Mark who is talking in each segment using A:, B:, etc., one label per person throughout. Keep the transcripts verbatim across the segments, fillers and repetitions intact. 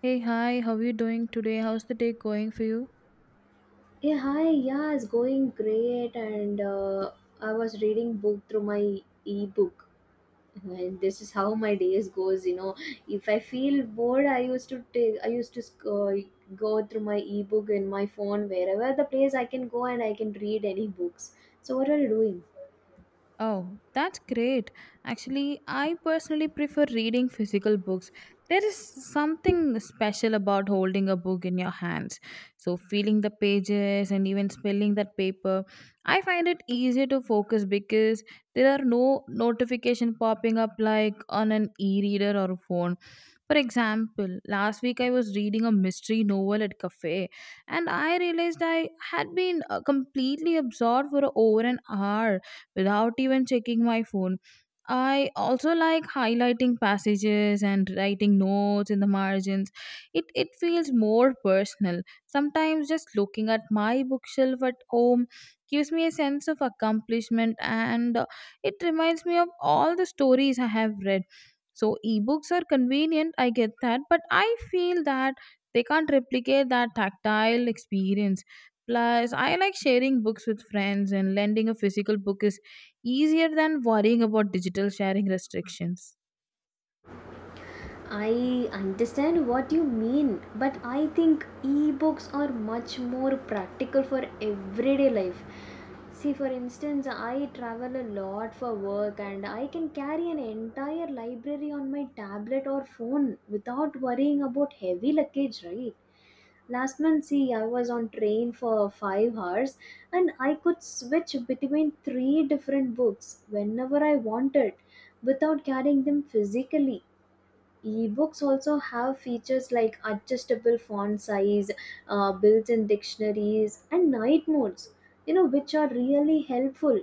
A: Hey, hi, how are you doing today? How's the day going for you?
B: Yeah, hi. Yeah, it's going great, and uh, I was reading book through my e-book, and this is how my days goes. You know, if I feel bored, I used to take, I used to sc- uh, go through my e-book in my phone wherever the place I can go, and I can read any books. So, what are you doing?
A: Oh, that's great. Actually, I personally prefer reading physical books. There is something special about holding a book in your hands. So, feeling the pages and even spelling that paper, I find it easier to focus because there are no notification popping up like on an e-reader or a phone. For example, last week I was reading a mystery novel at cafe and I realized I had been uh, completely absorbed for over an hour without even checking my phone. I also like highlighting passages and writing notes in the margins. It it feels more personal. Sometimes just looking at my bookshelf at home gives me a sense of accomplishment and uh, it reminds me of all the stories I have read. So ebooks are convenient, I get that, but I feel that they can't replicate that tactile experience. Plus, I like sharing books with friends, and lending a physical book is easier than worrying about digital sharing restrictions.
B: I understand what you mean, but I think e-books are much more practical for everyday life. See, for instance, I travel a lot for work and I can carry an entire library on my tablet or phone without worrying about heavy luggage, right? Last month, see, I was on train for five hours and I could switch between three different books whenever I wanted without carrying them physically. Ebooks also have features like adjustable font size, uh, built-in dictionaries and night modes, you know which are really helpful,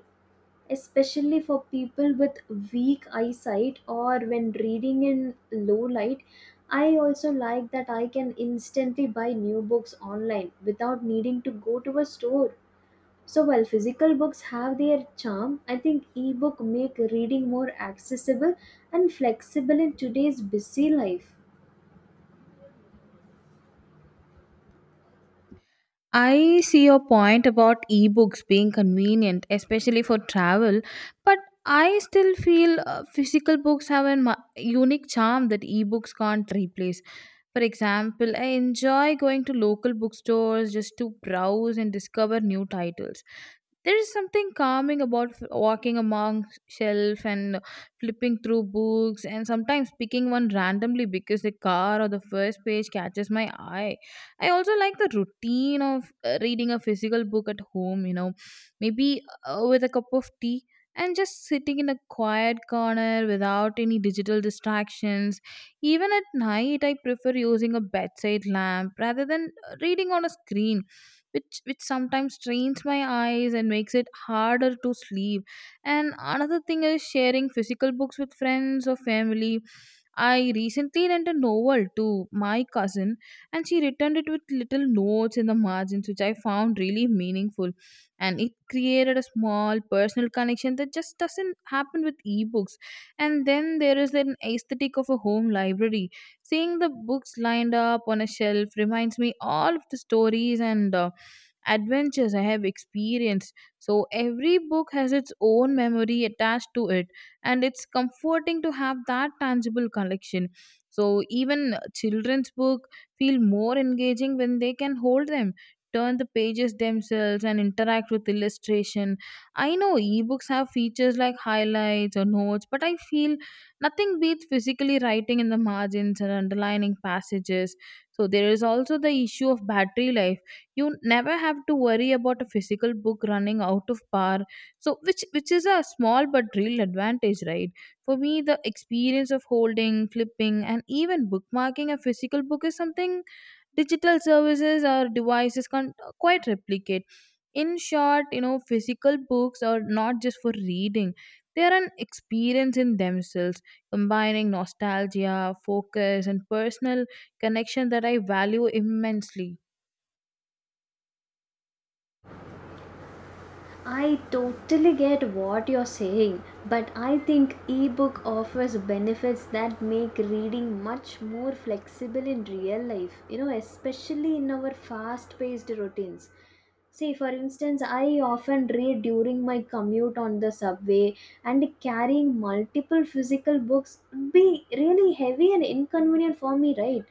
B: especially for people with weak eyesight or when reading in low light. I also like that I can instantly buy new books online without needing to go to a store. So while physical books have their charm, I think ebook make reading more accessible and flexible in today's busy life.
A: I see your point about ebooks being convenient, especially for travel, but I still feel uh, physical books have a ma- unique charm that ebooks can't replace. For example, I enjoy going to local bookstores just to browse and discover new titles. There is something calming about f- walking among shelf and flipping through books and sometimes picking one randomly because the car or the first page catches my eye. I also like the routine of uh, reading a physical book at home, you know, maybe uh, with a cup of tea and just sitting in a quiet corner without any digital distractions. Even at night, I prefer using a bedside lamp rather than uh, reading on a screen. Which, which sometimes strains my eyes and makes it harder to sleep. And another thing is sharing physical books with friends or family. I recently lent a novel to my cousin and she returned it with little notes in the margins, which I found really meaningful. And it created a small personal connection that just doesn't happen with ebooks. And then there is an aesthetic of a home library. Seeing the books lined up on a shelf reminds me all of the stories and uh, adventures I have experienced. So every book has its own memory attached to it and it's comforting to have that tangible collection. So even children's book feel more engaging when they can hold them, turn the pages themselves and interact with illustration. I know ebooks have features like highlights or notes, but I feel nothing beats physically writing in the margins and underlining passages. So there is also the issue of battery life. You never have to worry about a physical book running out of power, so which which is a small but real advantage, right? For me the experience of holding, flipping and even bookmarking a physical book is something digital services or devices can't uh, quite replicate. In short, you know, physical books are not just for reading, they are an experience in themselves, combining nostalgia, focus and personal connection that I value immensely.
B: I totally get what you're saying, but I think ebook offers benefits that make reading much more flexible in real life, you know, especially in our fast paced routines. See, for instance, I often read during my commute on the subway, and carrying multiple physical books would be really heavy and inconvenient for me, right?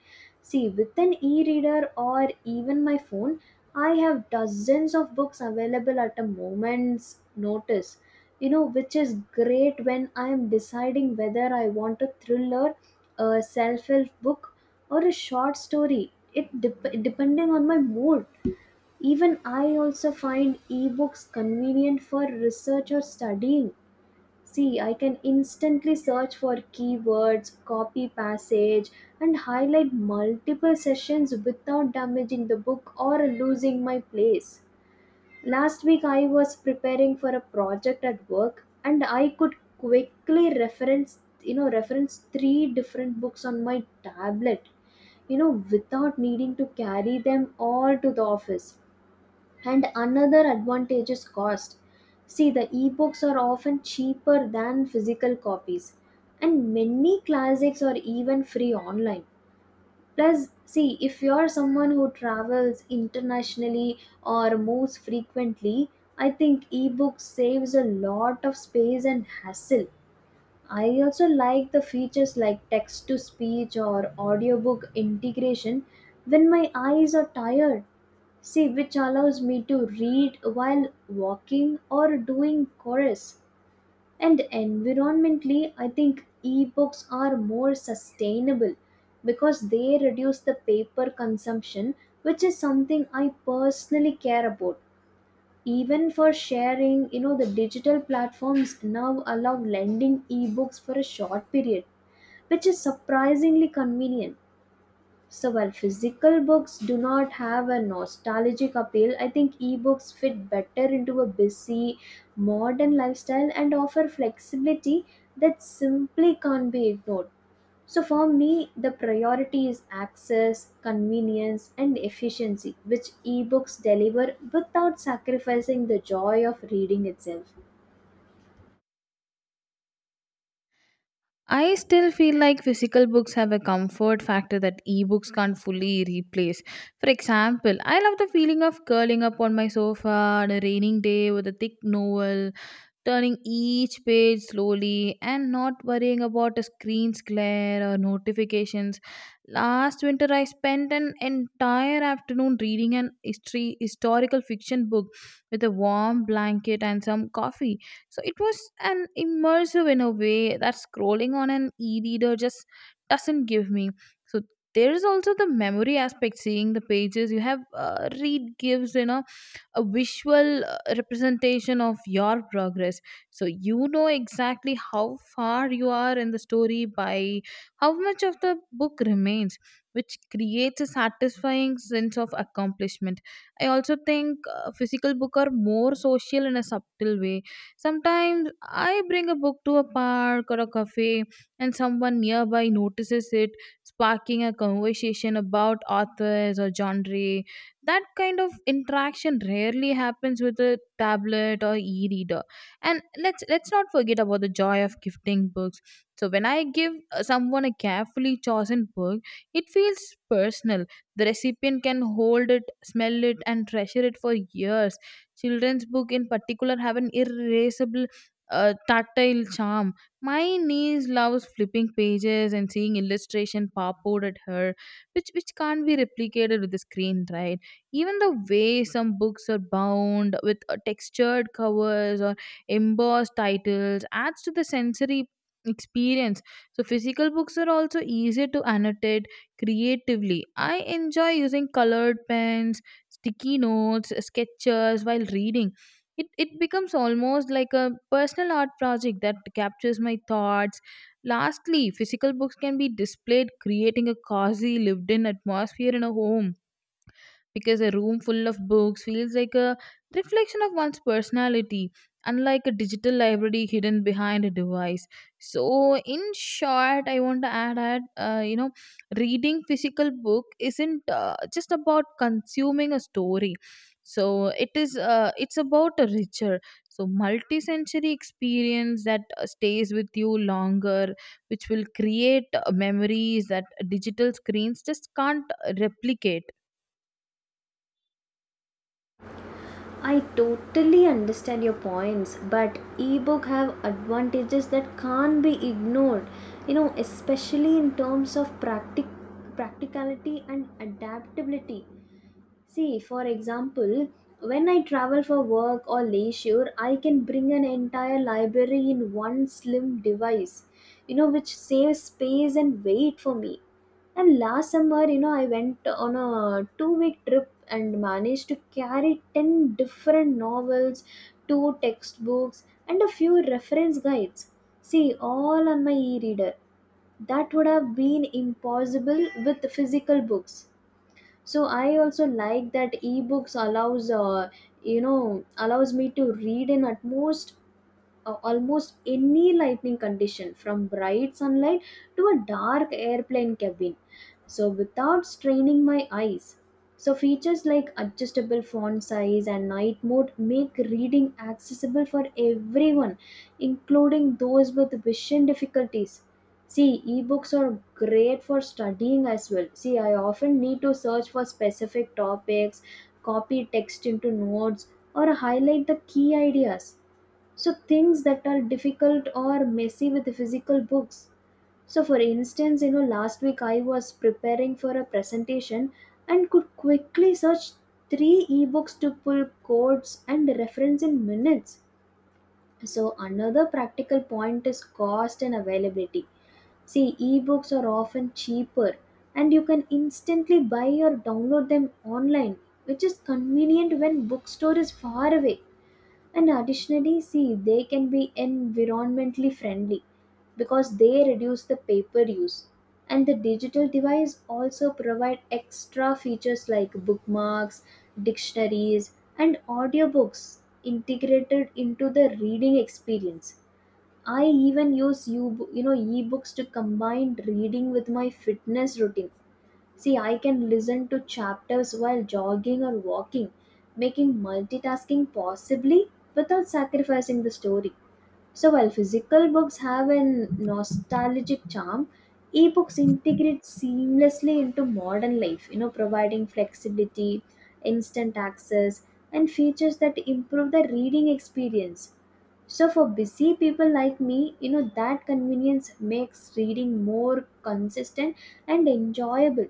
B: See, with an e reader or even my phone, I have dozens of books available at a moment's notice, you know, which is great when I am deciding whether I want a thriller, a self help book, or a short story. It dep- depending on my mood. Even I also find ebooks convenient for research or studying. See, I can instantly search for keywords, copy passage, and highlight multiple sessions without damaging the book or losing my place. Last week, I was preparing for a project at work, and I could quickly reference, you know, reference three different books on my tablet, you know, without needing to carry them all to the office. And another advantage is cost. See, the ebooks are often cheaper than physical copies, and many classics are even free online. Plus, see, if you're someone who travels internationally or moves frequently, I think ebooks saves a lot of space and hassle. I also like the features like text to speech or audiobook integration when my eyes are tired. See, which allows me to read while walking or doing chores. And environmentally, I think ebooks are more sustainable because they reduce the paper consumption, which is something I personally care about, even for sharing. You know the digital platforms now allow lending ebooks for a short period, which is surprisingly convenient. So while physical books do not have a nostalgic appeal, I think ebooks fit better into a busy modern lifestyle and offer flexibility that simply can't be ignored. So for me, the priority is access, convenience, and efficiency, which ebooks deliver without sacrificing the joy of reading itself.
A: I still feel like physical books have a comfort factor that ebooks can't fully replace. For example, I love the feeling of curling up on my sofa on a raining day with a thick novel, turning each page slowly and not worrying about a screen's glare or notifications. Last winter, I spent an entire afternoon reading an history, historical fiction book with a warm blanket and some coffee. So it was an immersive in a way that scrolling on an e reader just doesn't give me. So there is also the memory aspect, seeing the pages you have uh, read gives, you know, a visual uh, representation of your progress, so you know exactly how far you are in the story by how much of the book remains, which creates a satisfying sense of accomplishment. I also think uh, physical book are more social in a subtle way. Sometimes I bring a book to a park or a cafe and someone nearby notices it, sparking a conversation about authors or genre. That kind of interaction rarely happens with a tablet or e-reader. And let's let's not forget about the joy of gifting books. So when I give uh, someone a carefully chosen book, it feels personal. The recipient can hold it, smell it and treasure it for years. Children's book in particular have an irreversible uh, tactile charm. My niece loves flipping pages and seeing illustration pop out at her, which which can't be replicated with the screen, right? Even the way some books are bound with uh, textured covers or embossed titles adds to the sensory experience. So, physical books are also easier to annotate creatively. I enjoy using colored pens, sticky notes, sketches while reading. It, it becomes almost like a personal art project that captures my thoughts. Lastly, physical books can be displayed, creating a cozy, lived in atmosphere in a home, because a room full of books feels like a reflection of one's personality, unlike a digital library hidden behind a device. So, in short, I want to add that uh, you know, reading physical book isn't uh, just about consuming a story. So it is. Uh, it's about a richer, so multi-sensory experience that uh, stays with you longer, which will create uh, memories that digital screens just can't uh, replicate.
B: I totally understand your points, but ebook have advantages that can't be ignored. You know, especially in terms of practic practicality and adaptability. See, for example, when I travel for work or leisure, I can bring an entire library in one slim device, you know, which saves space and weight for me. And last summer, you know, I went on a two week trip and managed to carry ten different novels, two textbooks, and a few reference guides. See, all on my e reader. That would have been impossible with physical books. So I also like that ebooks allows uh, you know allows me to read in at most uh, almost any lighting condition, from bright sunlight to a dark airplane cabin, so without straining my eyes. So features like adjustable font size and night mode make reading accessible for everyone, including those with vision difficulties. See, ebooks are great for studying as well. See, I often need to search for specific topics, copy text into notes, or highlight the key ideas, so things that are difficult or messy with the physical books. So for instance, you know last week I was preparing for a presentation and could quickly search three ebooks to pull codes and reference in minutes. So another practical point is cost and availability. See, ebooks are often cheaper, and you can instantly buy or download them online, which is convenient when bookstore is far away. And additionally, see, they can be environmentally friendly because they reduce the paper use. And the digital device also provide extra features like bookmarks, dictionaries, and audiobooks integrated into the reading experience. I even use you, you know, ebooks to combine reading with my fitness routine. See, I can listen to chapters while jogging or walking, making multitasking possibly without sacrificing the story. So while physical books have a nostalgic charm, ebooks integrate seamlessly into modern life, you know, providing flexibility, instant access, and features that improve the reading experience. So for busy people like me, you know, that convenience makes reading more consistent and enjoyable.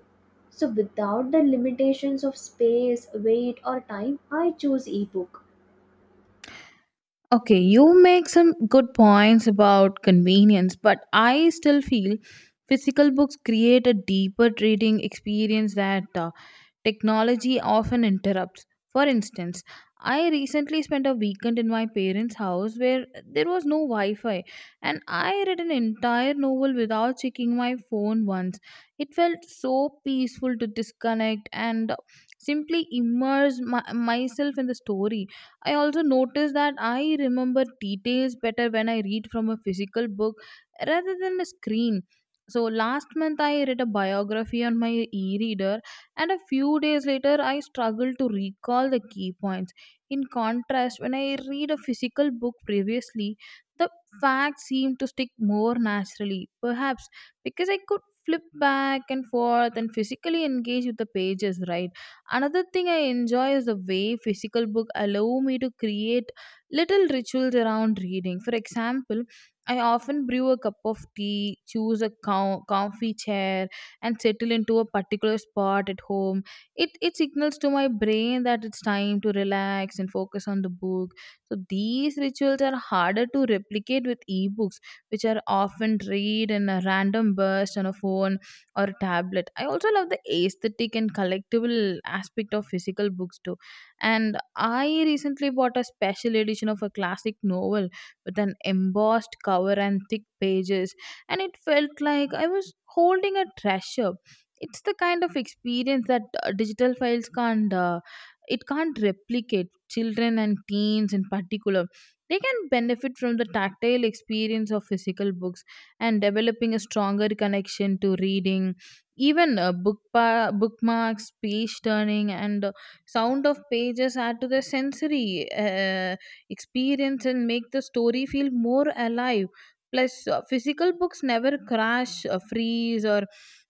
B: So without the limitations of space, weight or time, I choose ebook.
A: Okay, you make some good points about convenience, but I still feel physical books create a deeper reading experience that uh, technology often interrupts. For instance, I recently spent a weekend in my parents' house where there was no Wi Fi, and I read an entire novel without checking my phone once. It felt so peaceful to disconnect and simply immerse my, myself in the story. I also noticed that I remember details better when I read from a physical book rather than a screen. So last month I read a biography on my e-reader and a few days later I struggled to recall the key points. In contrast, when I read a physical book previously, the facts seemed to stick more naturally, perhaps because I could flip back and forth and physically engage with the pages, right? Another thing I enjoy is the way physical book allow me to create little rituals around reading. For example, I often brew a cup of tea, choose a co- comfy chair, and settle into a particular spot at home. It it signals to my brain that it's time to relax and focus on the book. So these rituals are harder to replicate with ebooks, which are often read in a random burst on a phone or a tablet. I also love the aesthetic and collectible aspect of physical books too. And I recently bought a special edition of a classic novel with an embossed cover and thick pages, and it felt like I was holding a treasure. It's the kind of experience that uh, digital files can't. Uh, it can't replicate. Children and teens in particular, they can benefit from the tactile experience of physical books and developing a stronger connection to reading. Even uh, book pa- bookmarks, page turning and uh, sound of pages add to the sensory uh, experience and make the story feel more alive. Plus, uh, physical books never crash, uh, freeze, or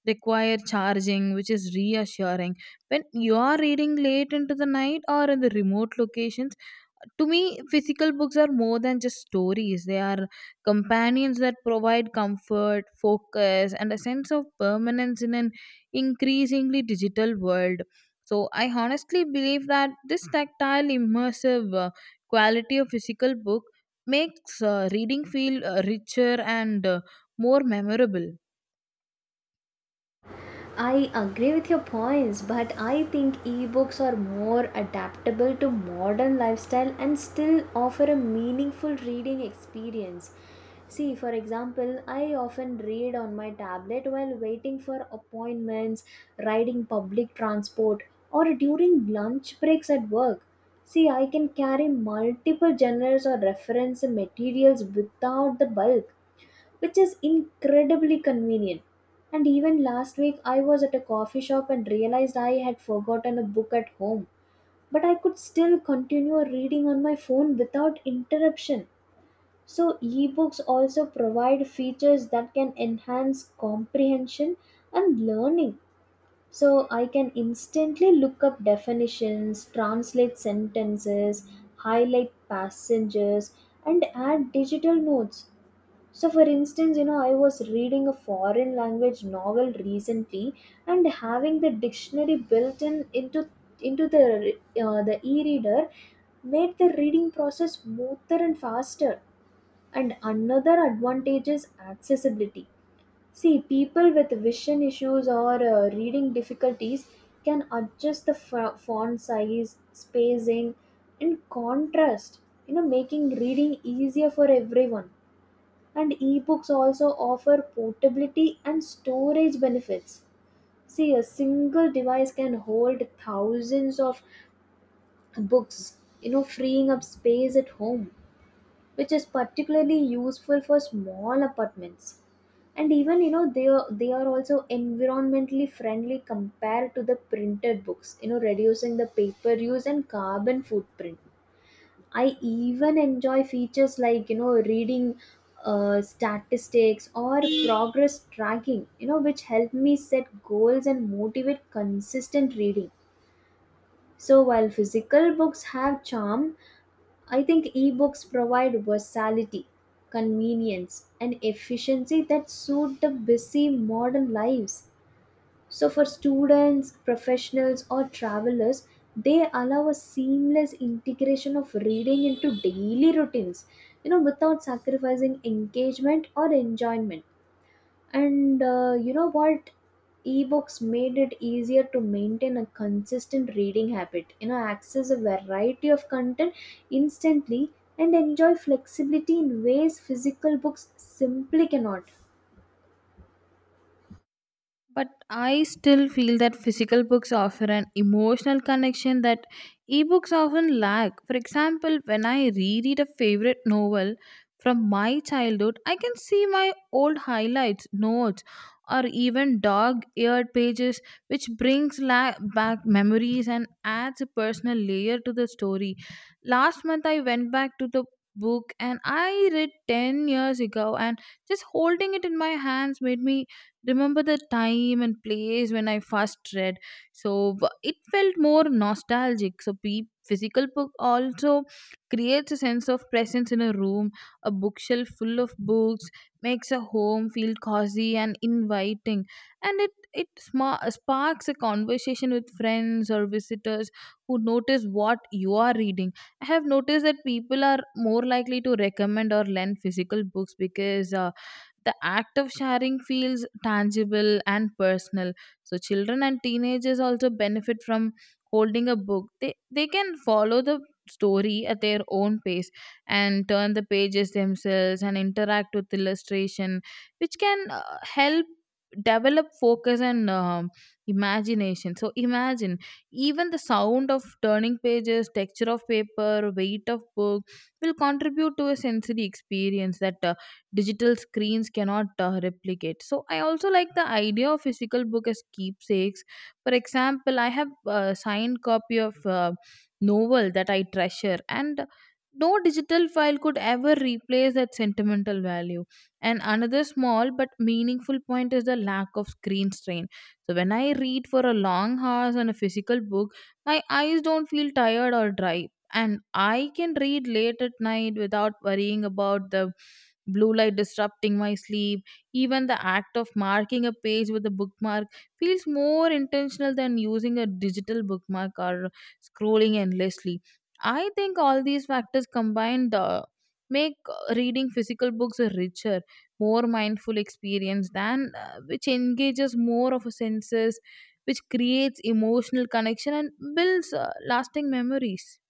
A: require charging, which is reassuring. When you are reading late into the night or in the remote locations, to me, physical books are more than just stories. They are companions that provide comfort, focus, and a sense of permanence in an increasingly digital world. So, I honestly believe that this tactile, immersive uh, quality of physical book makes uh, reading feel uh, richer and uh, more memorable.
B: I agree with your points, but I think ebooks are more adaptable to modern lifestyle and still offer a meaningful reading experience. See, for example, I often read on my tablet while waiting for appointments, riding public transport, or during lunch breaks at work. See, I can carry multiple genres or reference materials without the bulk, which is incredibly convenient. And even last week, I was at a coffee shop and realized I had forgotten a book at home, but I could still continue reading on my phone without interruption. So, ebooks also provide features that can enhance comprehension and learning. So, I can instantly look up definitions, translate sentences, highlight passages, and add digital notes. So, for instance, you know, I was reading a foreign language novel recently, and having the dictionary built in into into the uh, the e-reader made the reading process smoother and faster. And another advantage is accessibility. See, people with vision issues or uh, reading difficulties can adjust the fa- font size, spacing, and contrast. You know, making reading easier for everyone. And ebooks also offer portability and storage benefits. See, a single device can hold thousands of books, you know, freeing up space at home, which is particularly useful for small apartments. And even, you know, they are, they are also environmentally friendly compared to the printed books, you know, reducing the paper use and carbon footprint. I even enjoy features like, you know, reading uh, statistics or progress tracking, you know, which help me set goals and motivate consistent reading. So while physical books have charm, I think ebooks provide versatility, convenience, and efficiency that suit the busy modern lives. So, for students, professionals, or travelers, they allow a seamless integration of reading into daily routines, you know, without sacrificing engagement or enjoyment. And uh, you know what? Ebooks made it easier to maintain a consistent reading habit, you know, access a variety of content instantly and enjoy flexibility in ways physical books simply cannot.
A: But I still feel that physical books offer an emotional connection that ebooks often lack. For example, when I reread a favorite novel from my childhood, I can see my old highlights, notes, or even dog-eared pages, which brings la- back memories and adds a personal layer to the story. Last month, I went back to the book and I read ten years ago, and just holding it in my hands made me remember the time and place when I first read. So w- it felt more nostalgic. So pe- physical book also creates a sense of presence in a room. A bookshelf full of books makes a home feel cozy and inviting, and it it sma- sparks a conversation with friends or visitors who notice what you are reading. I have noticed that people are more likely to recommend or lend physical books because. Uh, the act of sharing feels tangible and personal. So children and teenagers also benefit from holding a book. They they can follow the story at their own pace and turn the pages themselves and interact with illustration, which can uh, help develop focus and um, imagination. So imagine even the sound of turning pages, texture of paper, weight of book will contribute to a sensory experience that uh, digital screens cannot uh, replicate. So I also like the idea of physical book as keepsakes. For example, I have a signed copy of a novel that I treasure, and no digital file could ever replace that sentimental value. And another small but meaningful point is the lack of screen strain. So when I read for a long hours on a physical book, my eyes don't feel tired or dry, and I can read late at night without worrying about the blue light disrupting my sleep. Even the act of marking a page with a bookmark feels more intentional than using a digital bookmark or scrolling endlessly. I think all these factors combined uh, make uh, reading physical books a richer, more mindful experience than uh, which engages more of a senses, which creates emotional connection and builds uh, lasting memories.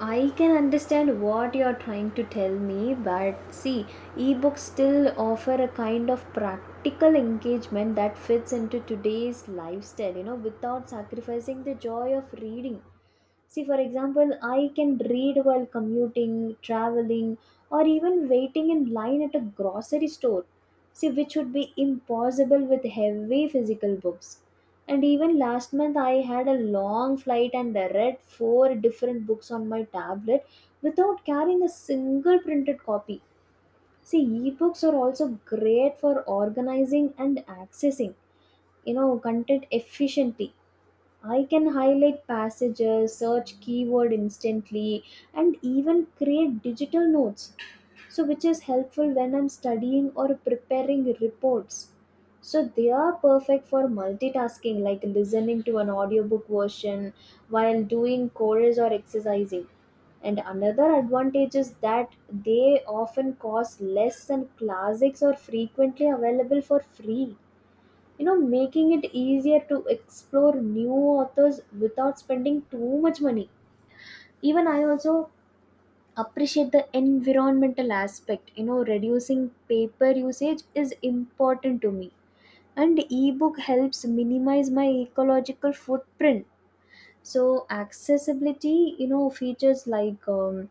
B: I can understand what you're trying to tell me, but see, ebooks still offer a kind of practical engagement that fits into today's lifestyle, you know, without sacrificing the joy of reading. See, for example, I can read while commuting, traveling, or even waiting in line at a grocery store. See, which would be impossible with heavy physical books. And even last month, I had a long flight and I read four different books on my tablet without carrying a single printed copy. See, ebooks are also great for organizing and accessing, you know, content efficiently. I can highlight passages, search keyword instantly, and even create digital notes, so which is helpful when I'm studying or preparing reports. So they are perfect for multitasking, like listening to an audiobook version while doing chores or exercising. And another advantage is that they often cost less than classics or frequently available for free, you know making it easier to explore new authors without spending too much money. Even I also appreciate the environmental aspect. You know reducing paper usage is important to me, and ebook helps minimize my ecological footprint. So accessibility, you know features like um,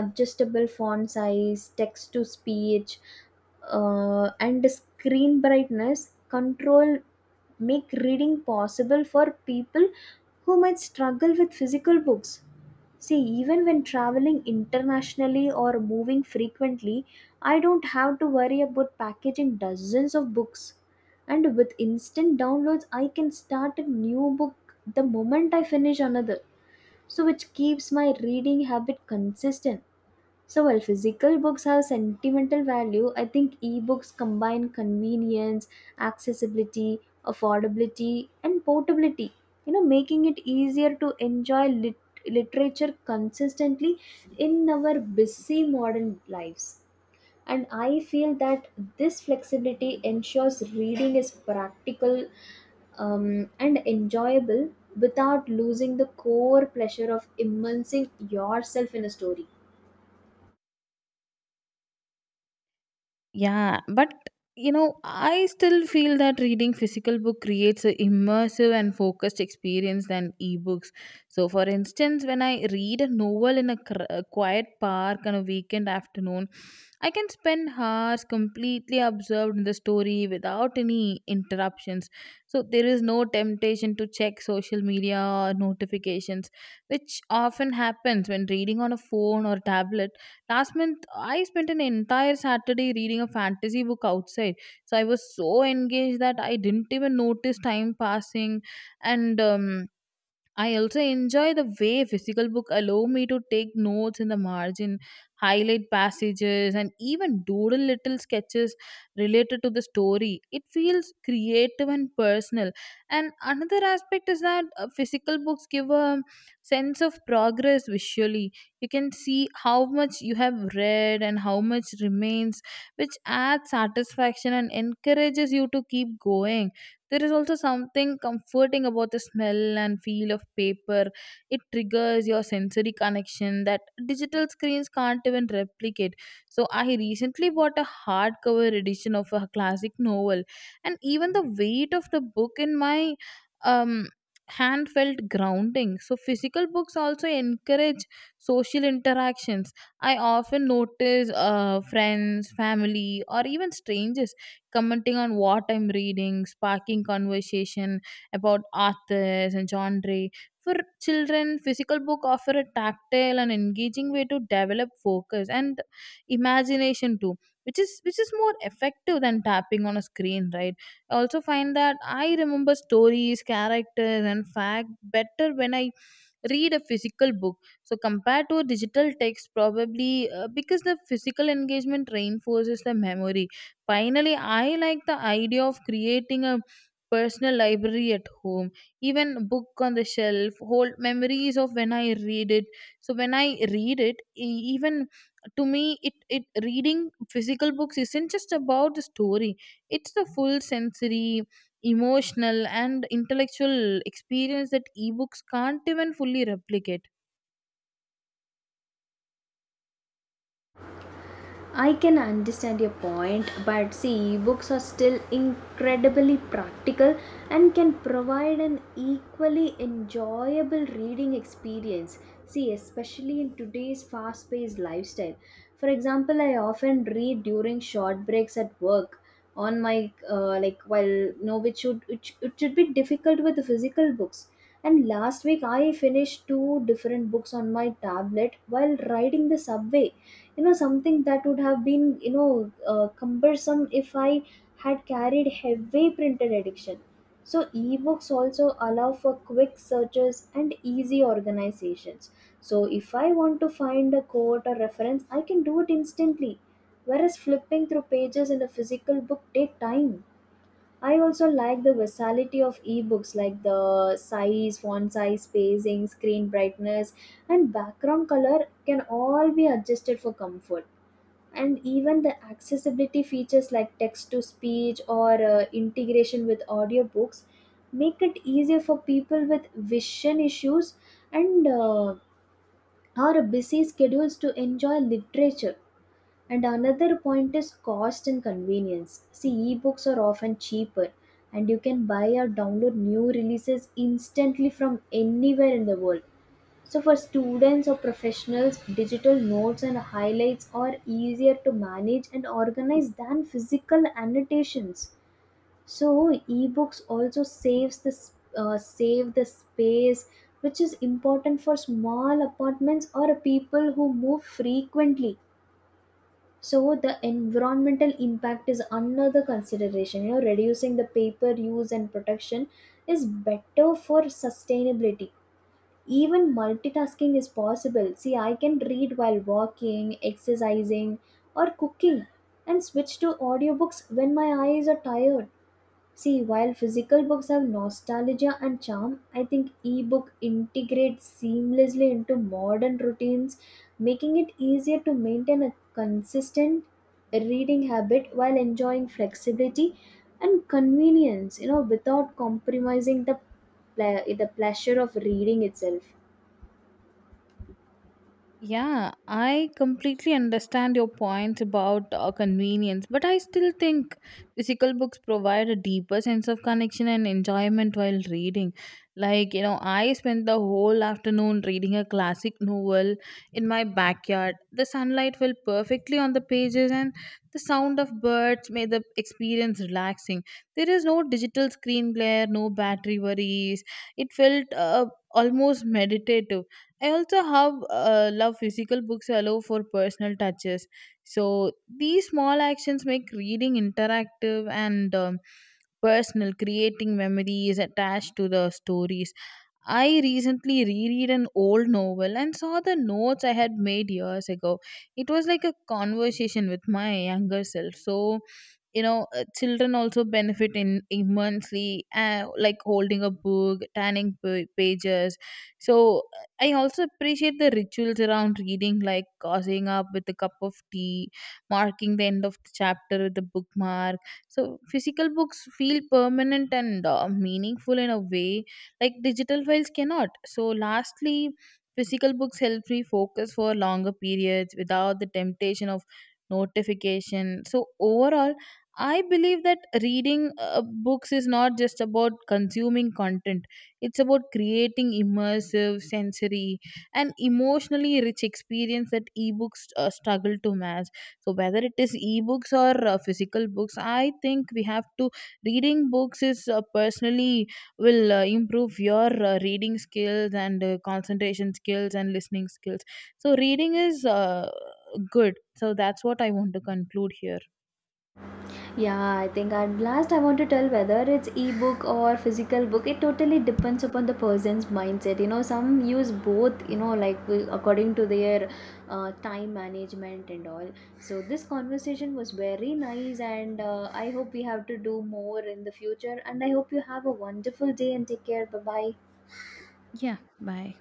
B: adjustable font size, text to speech, uh, and screen brightness control make reading possible for people who might struggle with physical books. See, even when traveling internationally or moving frequently, I don't have to worry about packaging dozens of books. And with instant downloads, I can start a new book the moment I finish another. So, which keeps my reading habit consistent. So while physical books have sentimental value, I think e-books combine convenience, accessibility, affordability, and portability. You know, making it easier to enjoy lit- literature consistently in our busy modern lives. And I feel that this flexibility ensures reading is practical um, and enjoyable without losing the core pleasure of immersing yourself in a story.
A: Yeah, but you know, I still feel that reading physical book creates a immersive and focused experience than ebooks. So, for instance, when I read a novel in a, cr- a quiet park on a weekend afternoon, I can spend hours completely absorbed in the story without any interruptions. So, there is no temptation to check social media or notifications, which often happens when reading on a phone or tablet. Last month, I spent an entire Saturday reading a fantasy book outside. So I was so engaged that I didn't even notice time passing. And um, I also enjoy the way physical book allow me to take notes in the margin, highlight passages, and even doodle little sketches related to the story. It feels creative and personal. And another aspect is that uh, physical books give a sense of progress visually. You can see how much you have read and how much remains, which adds satisfaction and encourages you to keep going. There is also something comforting about the smell and feel of paper. It triggers your sensory connection that digital screens can't even replicate. So, I recently bought a hardcover edition of a classic novel, and even the weight of the book in my um, hand felt grounding. So, physical books also encourage social interactions. I often notice uh, friends, family, or even strangers commenting on what I'm reading, sparking conversation about authors and genre. For children, physical book offer a tactile and engaging way to develop focus and imagination too, which is which is more effective than tapping on a screen, right? I also find that I remember stories, characters, and fact better when I read a physical book, so compared to a digital text, probably uh, because the physical engagement reinforces the memory. Finally, I like the idea of creating a personal library at home. Even book on the shelf hold memories of when I read it. So when I read it e- even to me it, it reading physical books isn't just about the story. It's the full sensory, emotional and intellectual experience that ebooks can't even fully replicate.
B: I can understand your point, but see, books are still incredibly practical and can provide an equally enjoyable reading experience. See, especially in today's fast paced lifestyle. For example, I often read during short breaks at work on my uh, like while no which should it, sh- it should be difficult with the physical books. And last week I finished two different books on my tablet while riding the subway, you know something that would have been, you know uh, cumbersome if I had carried heavy printed edition. So ebooks also allow for quick searches and easy organizations. So if I want to find a quote or reference, I can do it instantly, whereas flipping through pages in a physical book take time. I also like the versatility of ebooks, like the size, font size, spacing, screen brightness, and background color can all be adjusted for comfort. And even the accessibility features like text to speech or uh, integration with audiobooks make it easier for people with vision issues and uh, or busy schedules to enjoy literature. And another point is cost and convenience. See, ebooks are often cheaper, and you can buy or download new releases instantly from anywhere in the world. So for students or professionals, digital notes and highlights are easier to manage and organize than physical annotations. So ebooks also saves the s- uh, save the space, which is important for small apartments or people who move frequently. So the environmental impact is another consideration. You know, reducing the paper use and production is better for sustainability. Even multitasking is possible. See, I can read while walking, exercising, or cooking, and switch to audiobooks when my eyes are tired. See, while physical books have nostalgia and charm, I think ebook integrates seamlessly into modern routines, making it easier to maintain a consistent reading habit while enjoying flexibility and convenience, you know, without compromising the ple- the pleasure of reading itself.
A: Yeah, I completely understand your point about uh, convenience, but I still think physical books provide a deeper sense of connection and enjoyment while reading. Like, you know, I spent the whole afternoon reading a classic novel in my backyard. The sunlight fell perfectly on the pages, and the sound of birds made the experience relaxing. There is no digital screen glare, no battery worries. It felt uh, almost meditative. I also have uh, love physical books allow for personal touches. So these small actions make reading interactive and um, personal, creating memories attached to the stories. I recently reread an old novel and saw the notes I had made years ago. It was like a conversation with my younger self. So, you know, uh, children also benefit in immensely, uh, like holding a book, turning pa- pages. So, uh, I also appreciate the rituals around reading, like cozying up with a cup of tea, marking the end of the chapter with a bookmark. So, physical books feel permanent and uh, meaningful in a way like digital files cannot. So lastly, physical books help me focus for longer periods without the temptation of notification. So overall, I believe that reading uh, books is not just about consuming content. It's about creating immersive, sensory and emotionally rich experience that ebooks uh, struggle to match. So whether it is ebooks or uh, physical books, I think we have to, reading books is uh, personally will uh, improve your uh, reading skills and uh, concentration skills and listening skills. So, reading is uh, good. So, that's what I want to conclude here.
B: Yeah, I think at last I want to tell whether it's ebook or physical book. It totally depends upon the person's mindset. You know, some use both. You know, like wi- according to their uh, time management and all. So this conversation was very nice, and uh, I hope we have to do more in the future. And I hope you have a wonderful day and take care. Bye bye.
A: Yeah, bye.